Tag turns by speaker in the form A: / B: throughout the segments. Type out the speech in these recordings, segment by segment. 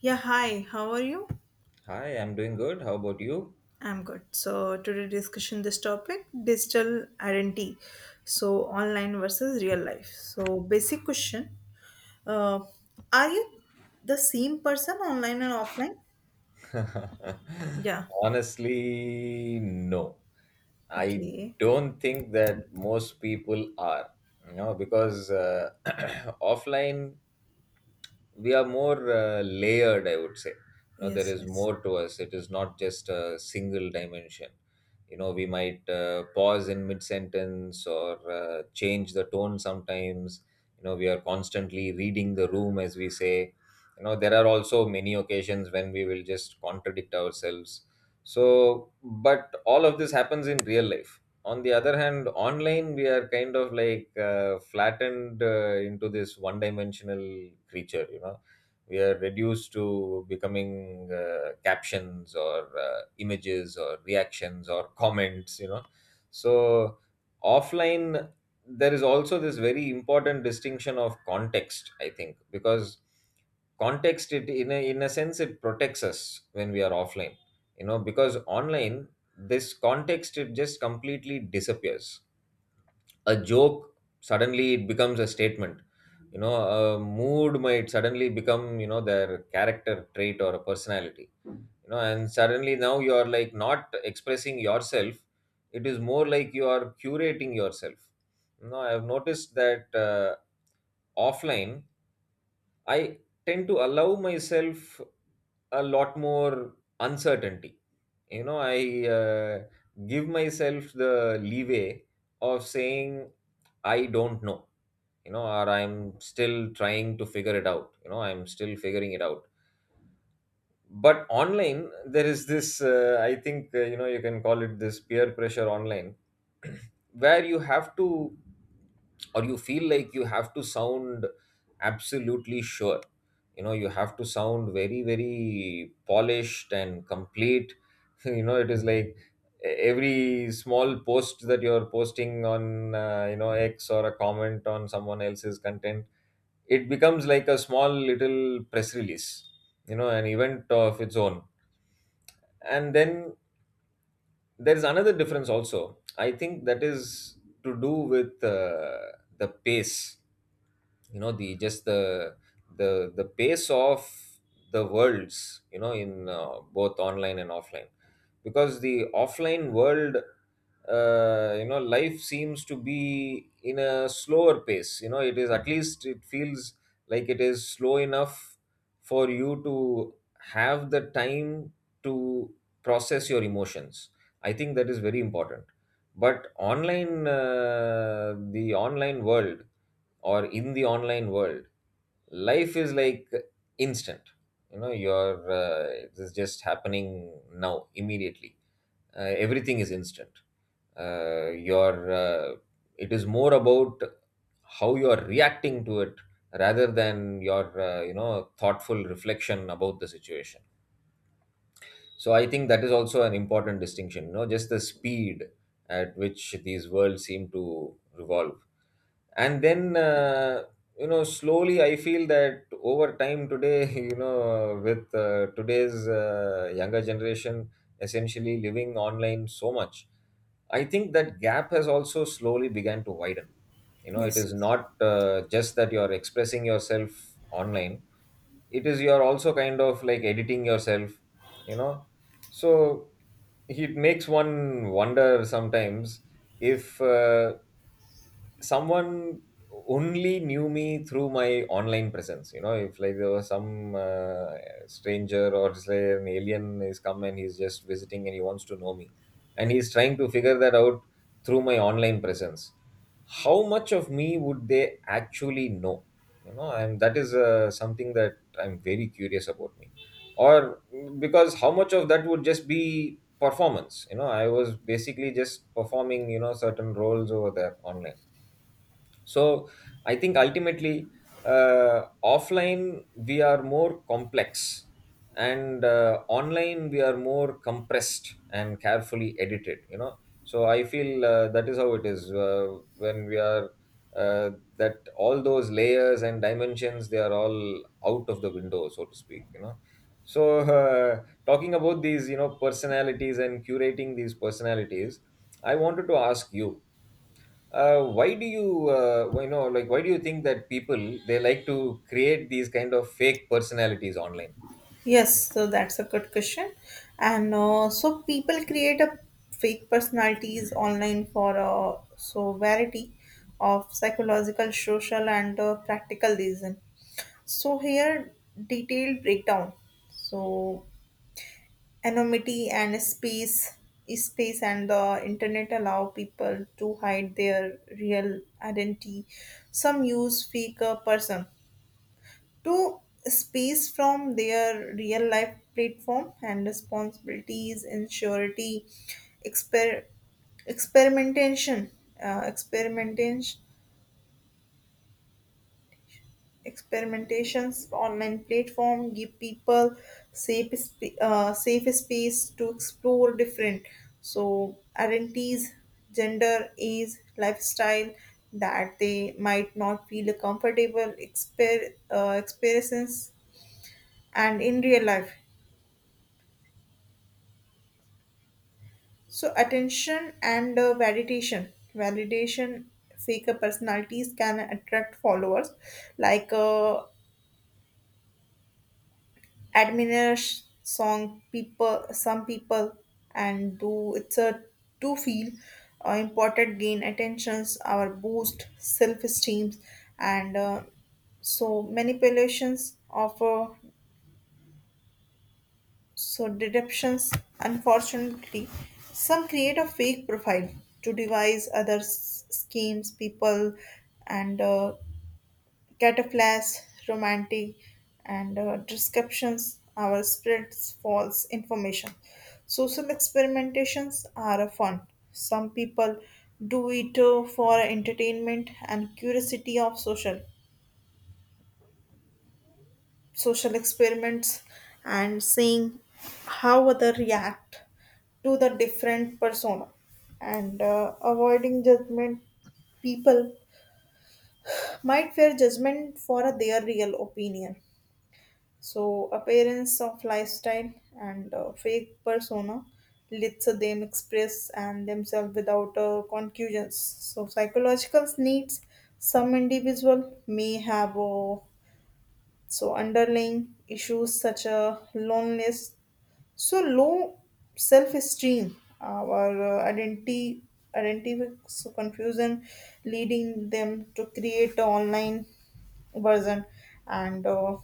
A: Yeah, hi, how are you?
B: Hi, I'm doing good. How about you?
A: I'm good. So, today discussion this topic digital identity. So, online versus real life. So, basic question uh, are you the same person online and offline? Yeah,
B: Honestly, no. I
A: okay.
B: don't think that most people are, you know, because offline we are more layered, I would say. You know, there
A: Yes,
B: is
A: yes.
B: more to us. It is not just a single dimension. You know, we might pause in mid sentence, or change the tone sometimes. You know, we are constantly reading the room, as we say. You know, there are also many occasions when we will just contradict ourselves. So but all of this happens in real life. On the other hand, online we are kind of like flattened into this one dimensional creature, you know. We are reduced to becoming captions or images or reactions or comments, you know. So offline, there is also this very important distinction of context, I think, because context, it in a sense, it protects us when we are offline. You know, because online, this context it just completely disappears. A joke, suddenly it becomes a statement. You know, a mood might suddenly become, you know, their character trait or a personality. You know, and suddenly now you are like not expressing yourself. It is more like you are curating yourself. You know, I have noticed that, offline, I tend to allow myself a lot more uncertainty. You know i uh, give myself the leeway of saying I don't know. You know, or I'm still trying to figure it out. You know, I'm still figuring it out. But online, there is this I think you know, you can call it this peer pressure online. Where you have to, or you feel like you have to sound absolutely sure. You know, you have to sound very very polished and complete. You know, it is like every small post that you're posting on, you know, X, or a comment on someone else's content, it becomes like a small little press release. You know, an event of its own. And then there's another difference also, I think, that is to do with the pace. You know, the just the the pace of the worlds, you know, in both online and offline. Because the offline world, you know, life seems to be in a slower pace. You know, it is, at least it feels like it is slow enough for you to have the time to process your emotions. I think that is very important. But online, the online world, or in the online world, life is like instant. You know, you're it is just happening now, immediately. Everything is instant. Your It is more about how you are reacting to it rather than your, you know, thoughtful reflection about the situation. So I think that is also an important distinction, you know, just the speed at which these worlds seem to revolve. And then, you know, slowly I feel that over time today, you know, with today's younger generation essentially living online so much, I think that gap has also slowly began to widen. You know, it
A: Yes,
B: is
A: yes.
B: not just that you're expressing yourself online, it is you're also kind of like editing yourself, you know. So it makes one wonder sometimes if, someone only knew me through my online presence, you know, if like there was some stranger or say an alien is come and he's just visiting and he wants to know me and he's trying to figure that out through my online presence, how much of me would they actually know? You know, and that is something that I'm very curious about, me. Or because how much of that would just be performance? You know, I was basically just performing, you know, certain roles over there online. So I think ultimately, offline we are more complex, and online we are more compressed and carefully edited, you know. So I feel that is how it is, when we are, uh, that all those layers and dimensions, they are all out of the window, so to speak, you know. So talking about these, you know, personalities and curating these personalities, I wanted to ask you, why do you why- you know, like why do you think that people they like to create these kind of fake personalities online?
A: Yes, so that's a good question. And so people create a fake personalities online for so variety of psychological, social, and practical reason. So here detailed breakdown. So anonymity and space and the internet allow people to hide their real identity. Some use fake person to space from their real life platform and responsibilities, insurity, exper experimentation, uh, experimentation Experimentations online platform give people safe space to explore different so identities, gender, age, lifestyle that they might not feel comfortable experiences and in real life. So attention and validation, validation fake personalities can attract followers like. Admires song people some people and do it's a to feel important gain attentions our boost self-esteem and so manipulations of so deceptions unfortunately some create a fake profile to devise other schemes people and cataplasms, romantic, and descriptions, our spirits, false information. Social experimentations are fun. Some people do it for entertainment and curiosity of social experiments and seeing how other react to the different persona and avoiding judgment people might fear judgment for their real opinion. So, appearance of lifestyle and fake persona lets them express and themselves without conclusions. So, psychological needs some individual may have so underlying issues such as loneliness so low self-esteem, our identity so confusion, leading them to create an online version and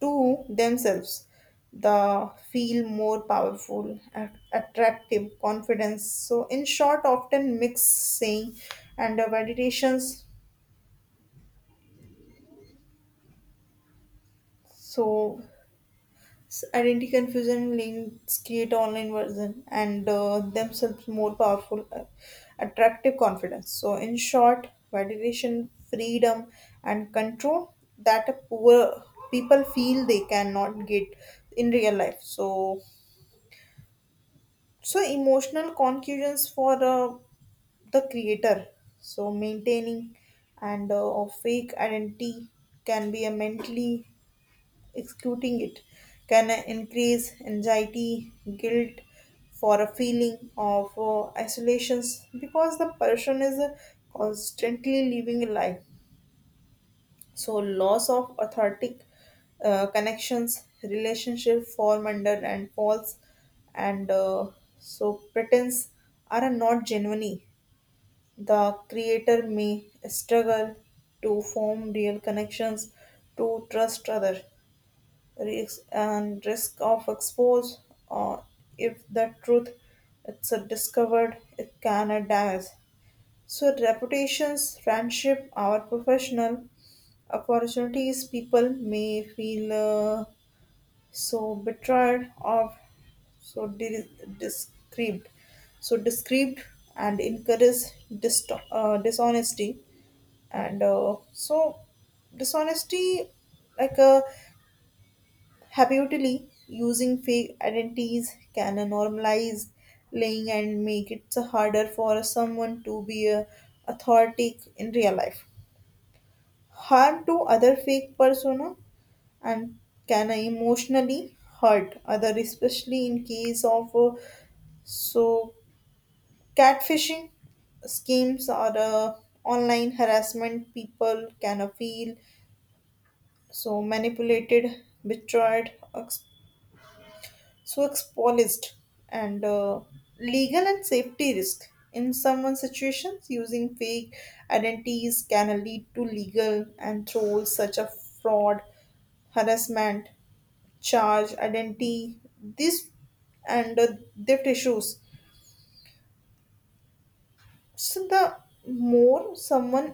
A: to themselves, the feel more powerful, attractive, confidence. So in short, often mix saying and validations. So identity confusion links create online version and themselves more powerful, attractive confidence. So, in short, validation, freedom, and control that a poor people feel they cannot get in real life. So, so emotional conclusions for the creator. So, maintaining and a fake identity can be a mentally executing it can increase anxiety, guilt for a feeling of isolation because the person is constantly living a life. So, loss of authentic connections, relationship form under and false, and so pretense are not genuine. The creator may struggle to form real connections to trust other risks and risk of expose or if the truth it's a discovered it can a damage so reputations friendship our professional opportunities people may feel so betrayed or so di- described so described and encourage dishonesty and so dishonesty like uh, habitually using fake identities can normalize lying and make it so harder for someone to be authentic in real life. Harm to other fake persona and can emotionally hurt other, especially in case of so catfishing schemes or online harassment. People can feel so manipulated, betrayed, so exposed and legal and safety risk in someone situations using fake identities can lead to legal and trolls such as fraud harassment charge identity this and theft issues so the more someone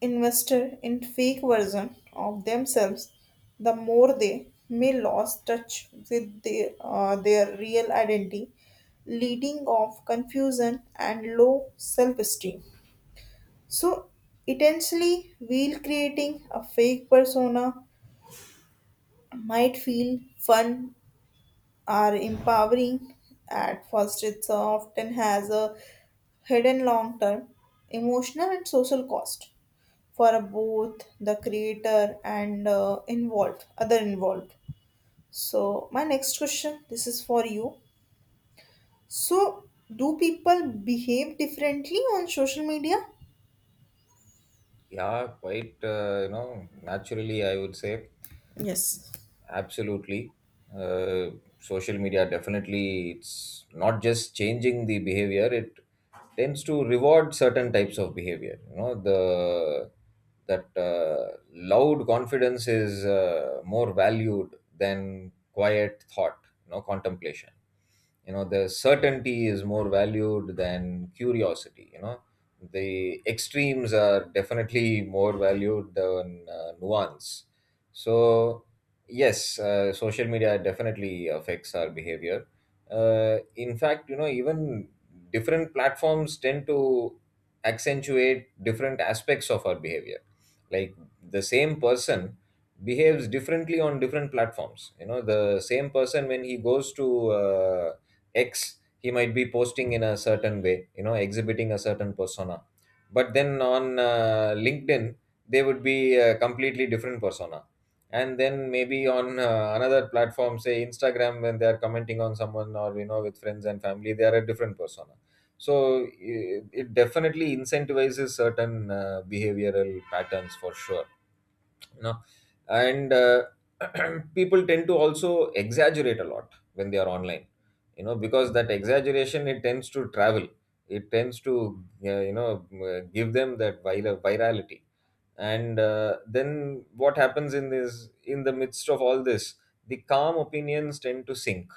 A: invested in fake version of themselves, the more they may lose touch with their real identity, leading of confusion and low self-esteem. So essentially, while creating a fake persona might feel fun or empowering at first, it often has a hidden long-term emotional and social cost for both the creator and involved other involved. So my next question this is for you. So do people behave differently on social media?
B: Yeah, quite you know, naturally, I would say.
A: Yes.
B: Absolutely. Uh, Social media, definitely it's not just changing the behavior, it tends to reward certain types of behavior. You know, the that loud confidence is more valued than quiet thought, you know, contemplation. You know, the certainty is more valued than curiosity, you know. The extremes are definitely more valued than nuance. So, yes, social media definitely affects our behavior. In fact, you know, even different platforms tend to accentuate different aspects of our behavior. Like the same person behaves differently on different platforms. You know, the same person when he goes to, X, he might be posting in a certain way, you know, exhibiting a certain persona. But then on LinkedIn, they would be a completely different persona. And then maybe on another platform, say Instagram, when they are commenting on someone, or you know, with friends and family, they are a different persona. So it definitely incentivizes certain behavioral patterns, for sure, you know. And people tend to also exaggerate a lot when they are online. You know, because that exaggeration, it tends to travel. It tends to, you know, give them that virality. And then what happens in this, in the midst of all this, the calm opinions tend to sink,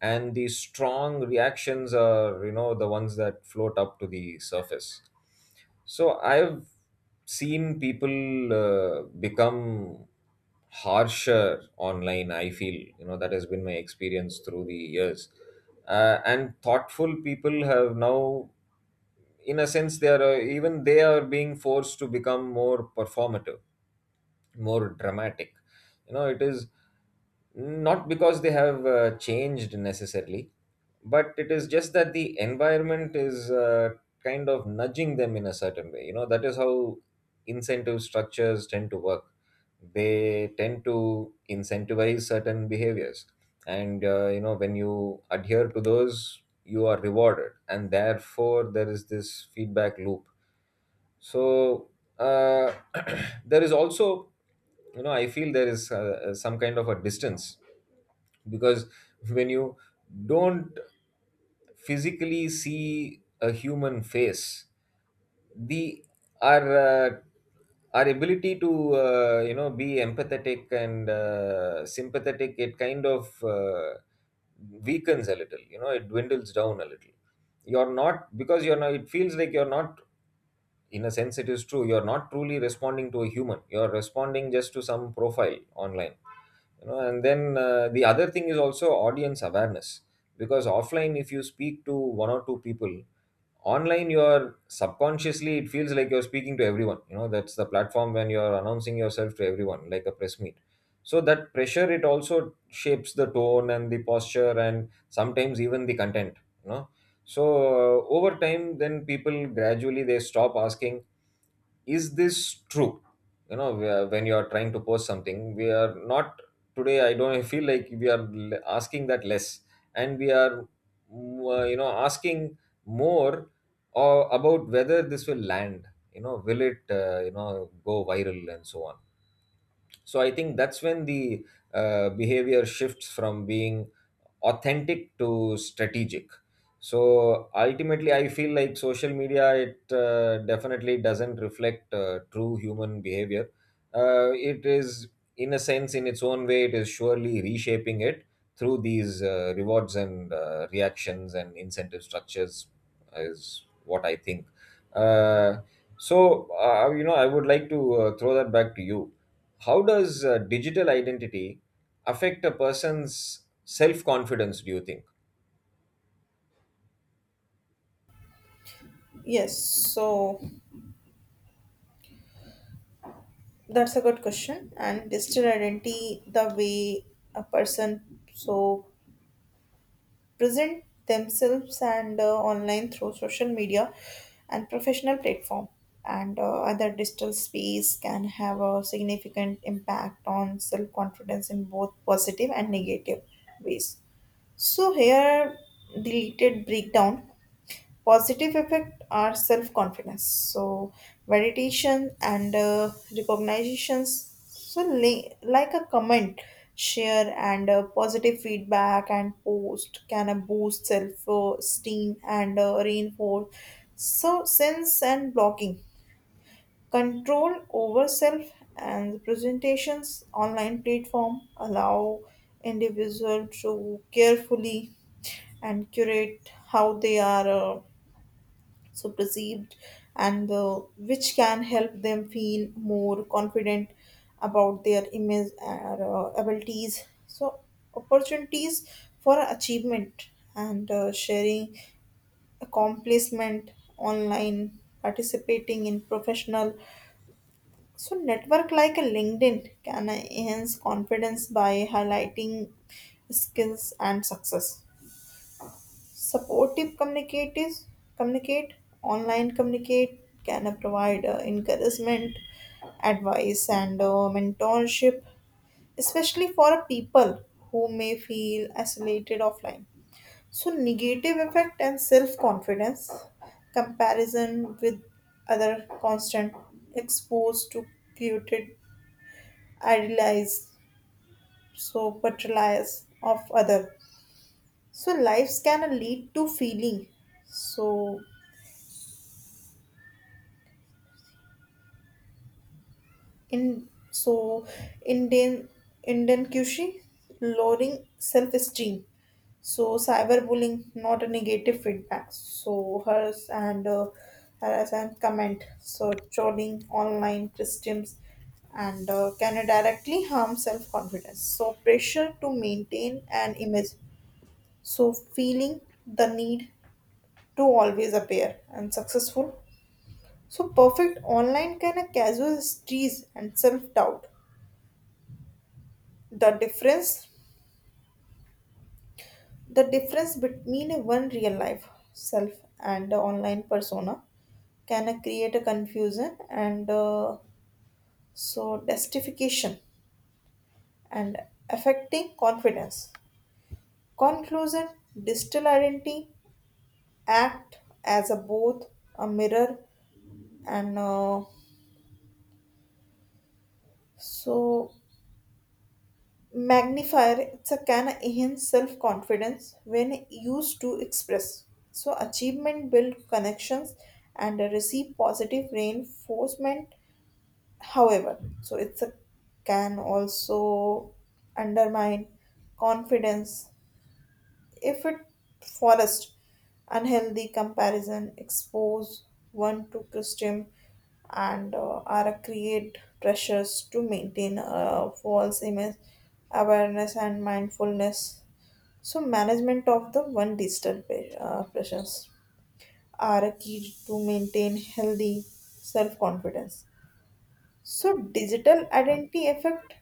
B: and the strong reactions are, you know, the ones that float up to the surface. So I've seen people become harsher online, I feel. You know, that has been my experience through the years. And thoughtful people have now, in a sense, they are, even they are being forced to become more performative, more dramatic. You know, it is not because they have changed necessarily, but it is just that the environment is, kind of nudging them in a certain way. You know, that is how incentive structures tend to work. They tend to incentivize certain behaviors. And, you know, when you adhere to those, you are rewarded. And therefore, there is this feedback loop. So uh, there is also, you know, I feel there is some kind of a distance, because when you don't physically see a human face, the our uh, our ability to, you know, be empathetic and sympathetic, it kind of weakens a little. You know, it dwindles down a little. You're not because you're not it feels like you're not, in a sense it is true, you're not truly responding to a human, you're responding just to some profile online. You know, and then the other thing is also audience awareness. Because offline if you speak to one or two people, online you're subconsciously, it feels like you're speaking to everyone. You know, that's the platform, when you're announcing yourself to everyone like a press meet. So that pressure, it also shapes the tone and the posture and sometimes even the content, you know. So over time, then people gradually, they stop asking, is this true? You know, when you are trying to post something, we are not, today, I don't I feel like we are asking that less, and we are, you know, asking more, or about whether this will land. You know, will it, you know, go viral and so on. So I think that's when the behavior shifts from being authentic to strategic. So ultimately I feel like social media, it definitely doesn't reflect true human behavior. It is, in a sense, in its own way, it is surely reshaping it through these rewards and reactions and incentive structures, is what I think. Uh, so uh, you know, I would like to throw that back to you. How does digital identity affect a person's self confidence, do you think?
A: Yes, so that's a good question and digital identity the way a person so present themselves and online through social media and professional platform and other digital space can have a significant impact on self confidence in both positive and negative ways. So here deleted breakdown. Positive effect are self confidence. So meditation and recognitions. Like a comment, share and positive feedback and post can boost self esteem and reinforce. So sense and blocking control over self and presentations online platform allow individual to carefully and curate how they are. So perceived and which can help them feel more confident about their image and abilities so opportunities for achievement and sharing accomplishment online participating in professional so network like a linkedin can enhance confidence by highlighting skills and success. Supportive communicate online communicate can provide encouragement, advice, and mentorship, especially for people who may feel isolated offline. So, negative effect and self confidence, comparison with other constant exposed to created idealized so portrayals of other so lives can lead to feeling so in so Indian Kushi, lowering self-esteem. So cyberbullying, not a negative feedback. So hers and harass and comment. So trolling online systems and can directly harm self-confidence. So pressure to maintain an image. So feeling the need to always appear and successful. So perfect online can a casual tease and self-doubt. the difference the difference between a one real life self and the online persona can create a confusion and so justification and affecting confidence conclusion digital identity act as a both a mirror and so magnifier it's a can enhance self-confidence when used to express so achievement build connections and receive positive reinforcement however so it's a can also undermine confidence if it forest unhealthy comparison expose one to christian and are create pressures to maintain a false image awareness and mindfulness so management of the one digital pressures are a key to maintain healthy self-confidence. So digital identity effect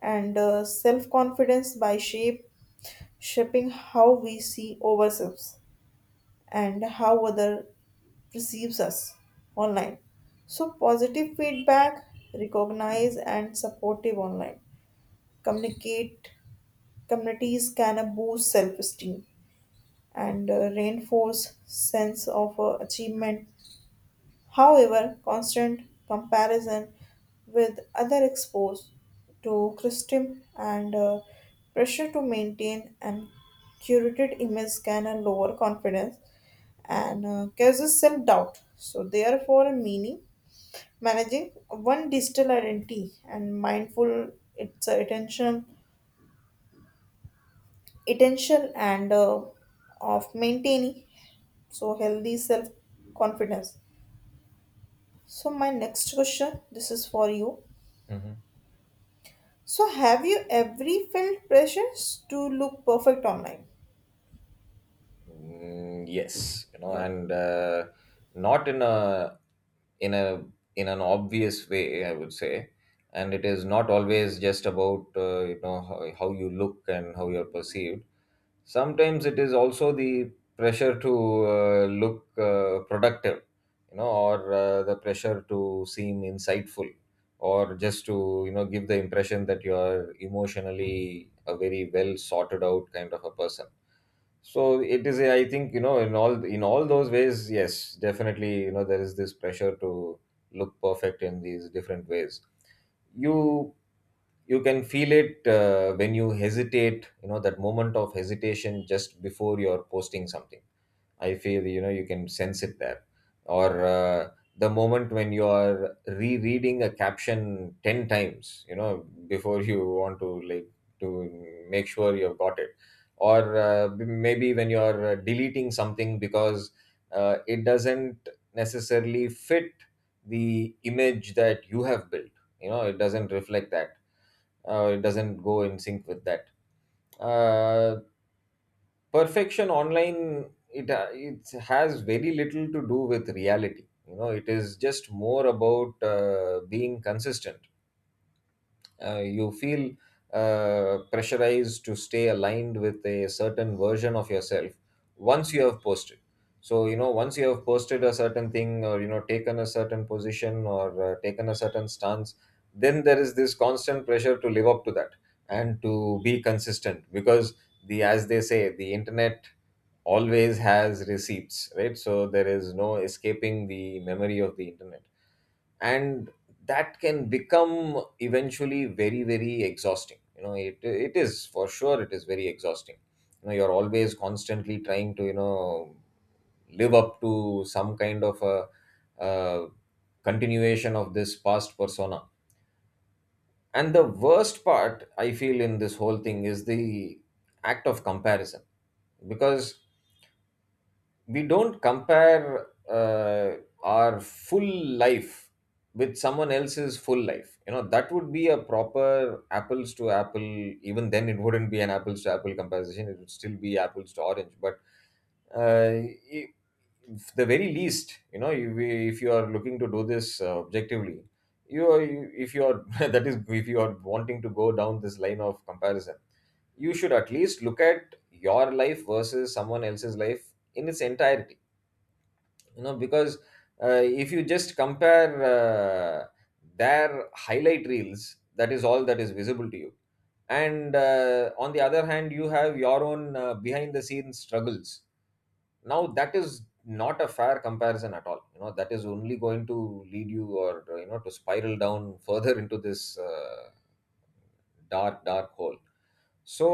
A: and self-confidence by shape shaping how we see ourselves and how other perceives us online. So positive feedback recognize and supportive online communicate communities can boost self-esteem and reinforce sense of achievement. However constant comparison with other exposed to criticism and pressure to maintain an curated image can lower confidence and causes self doubt. So, therefore, meaning managing one digital identity and mindful its attention and of maintaining so healthy self confidence. So, my next question this is for you.
B: Hmm.
A: So, have you ever felt pressures to look perfect online?
B: Mm, yes, you know,
A: Yeah.
B: and not in a in an obvious way, I would say. And it is not always just about, you know, how you look and how you're perceived. Sometimes it is also the pressure to look productive. You know, or the pressure to seem insightful, or just to, you know, give the impression that you are emotionally a very well sorted out kind of a person. So it is, I think, you know, in all those ways, yes, definitely, you know, there is this pressure to look perfect in these different ways. You you can feel it when you hesitate, you know, that moment of hesitation just before you're posting something. I feel, you know, you can sense it there, or the moment when you are rereading a caption 10 times, you know, before you want to like to make sure you've got it, maybe when you are deleting something because it doesn't necessarily fit the image that you have built. You know, it doesn't reflect that. It doesn't go in sync with that. Uh, Perfection online, it it has very little to do with reality. You know, it is just more about being consistent. You feel pressurized to stay aligned with a certain version of yourself once you have posted. So, you know, once you have posted a certain thing, or, you know, taken a certain position, or taken a certain stance, then there is this constant pressure to live up to that and to be consistent, because the, as they say, the internet always has receipts, right? So there is no escaping the memory of the internet. And that can become eventually very, very exhausting. You know, it is, for sure, it is very exhausting. You know, you're always constantly trying to, you know, live up to some kind of a continuation of this past persona. And the worst part, I feel, in this whole thing, is the act of comparison, because we don't compare our full life with someone else's full life. You know, that would be a proper apples to apple. Even then, it wouldn't be an apples to apple comparison, it would still be apples to orange. But uh, i- if the very least, you know, if you are looking to do this objectively, if you are that is, if you are wanting to go down this line of comparison, you should at least look at your life versus someone else's life in its entirety. You know, because if you just compare their highlight reels, that is all that is visible to you, and on the other hand, you have your own behind the scenes struggles. Now that is not a fair comparison at all. You know, that is only going to lead you, or, you know, to spiral down further into this dark, dark hole. So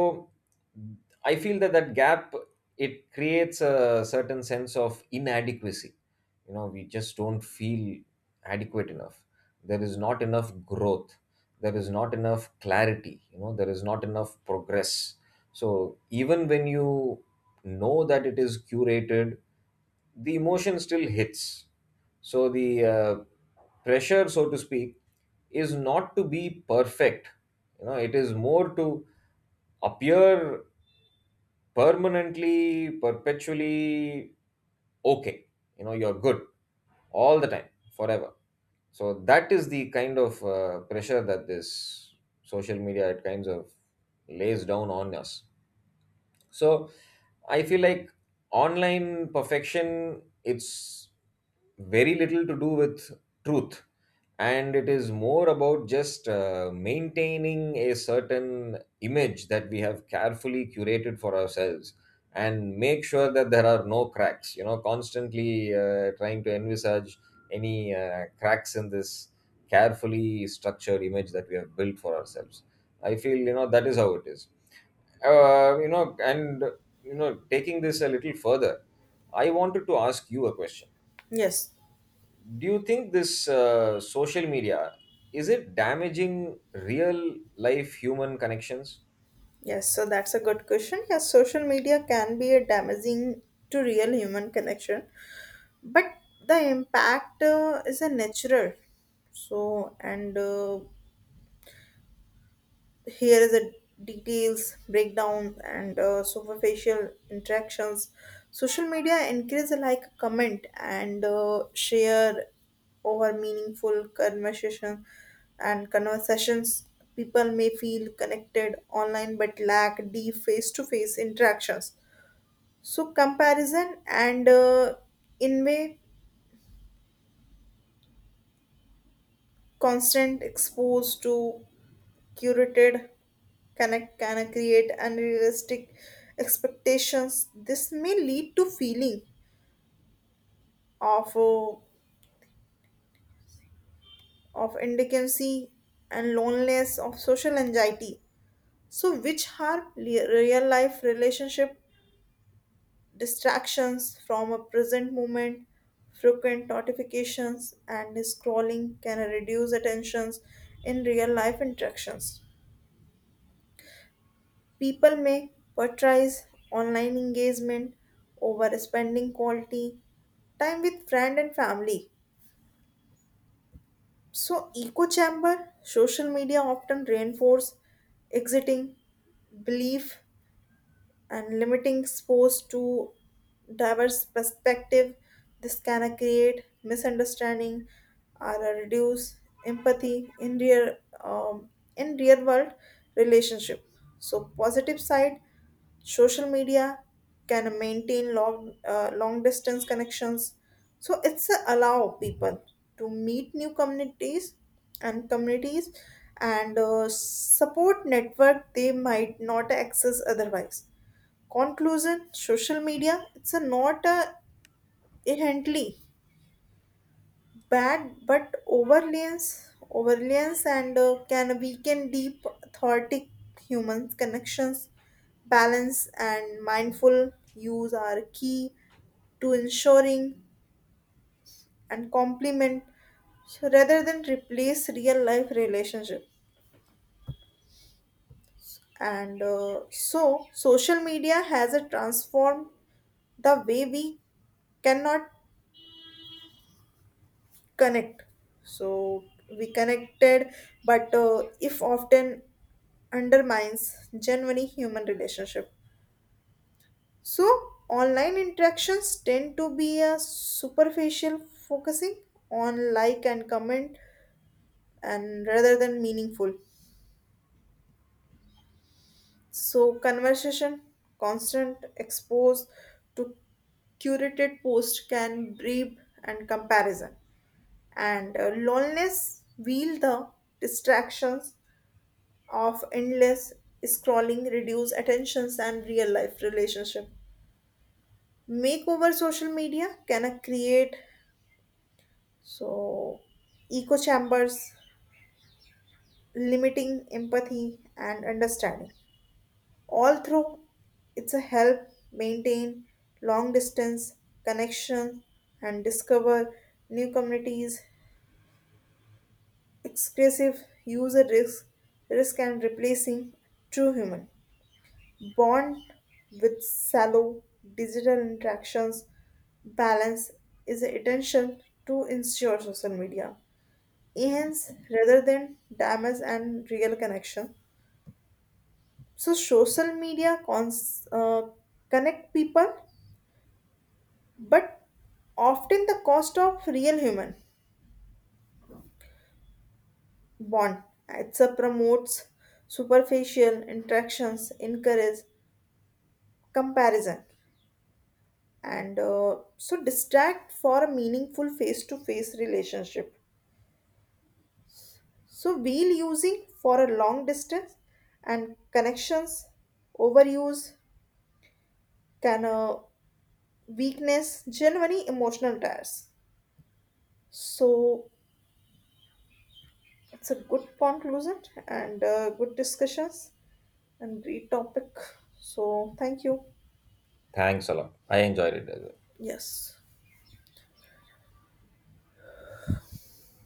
B: I feel that that gap, it creates a certain sense of inadequacy. You know, we just don't feel adequate enough. There is not enough growth, there is not enough clarity, you know, there is not enough progress. So even when you know that it is curated, the emotion still hits. So the pressure, so to speak, is not to be perfect. You know, it is more to appear permanently, perpetually okay. You know, you're good all the time, forever. So that is the kind of pressure that this social media at kinds of lays down on us. So I feel like online perfection, it's very little to do with truth, and it is more about just maintaining a certain image that we have carefully curated for ourselves, and make sure that there are no cracks. You know, constantly trying to envisage any cracks in this carefully structured image that we have built for ourselves. I feel, you know, that is how it is. You know, and, you know, taking this a little further, I wanted to ask you a question.
A: Yes,
B: Do you think this social media, is it damaging real life human connections?
A: yes, so that's a good question. Yes, social media can be a damaging to real human connection but the impact is a natural so and here is the details breakdown and superficial interactions social media encourages a like comment and share over meaningful conversation and conversations people may feel connected online but lack deep face-to-face interactions. So comparison and in way constant exposed to curated can create unrealistic expectations. This may lead to feeling of uh, of indigency and loneliness of social anxiety. So, which harm real life relationship distractions from a present moment, frequent notifications, and scrolling can reduce attentions in real life interactions. People may prioritize online engagement over spending quality time with friend and family. So echo chamber social media often reinforce exiting belief and limiting exposure to diverse perspective this can create misunderstanding or reduce empathy um, in real world relationship. So positive side social media can maintain long distance connections so it's a allow people to meet new communities and communities and support network they might not access otherwise. Conclusion social media, it's a not a inherently bad but overlays and can weaken deep authentic human connections balance and mindful use are key to ensuring and complement so rather than replace real life relationship and so social media has a transformed the way we cannot connect so we connected but if often undermines genuine human relationship. So online interactions tend to be a superficial focusing on like and comment and rather than meaningful so conversation constant exposed to curated post can breed and comparison and loneliness wield the distractions of endless scrolling reduce attentions and real life relationship. Makeover social media can create so echo chambers limiting empathy and understanding all through it's a help maintain long distance connection and discover new communities. Excessive user risk and replacing true human bond with shallow digital interactions balance is essential to ensure social media enhance rather than damage and real connection. So social media connect people, but often the cost of real human bond. It promotes superficial interactions, encourage comparison and so distract for a meaningful face to face relationship so wheel using for a long distance and connections overuse can weakness genuinely emotional tears so it's a good conclusion and good discussions and great topic so thank you.
B: Thanks a lot, I enjoyed it as well.
A: Yes.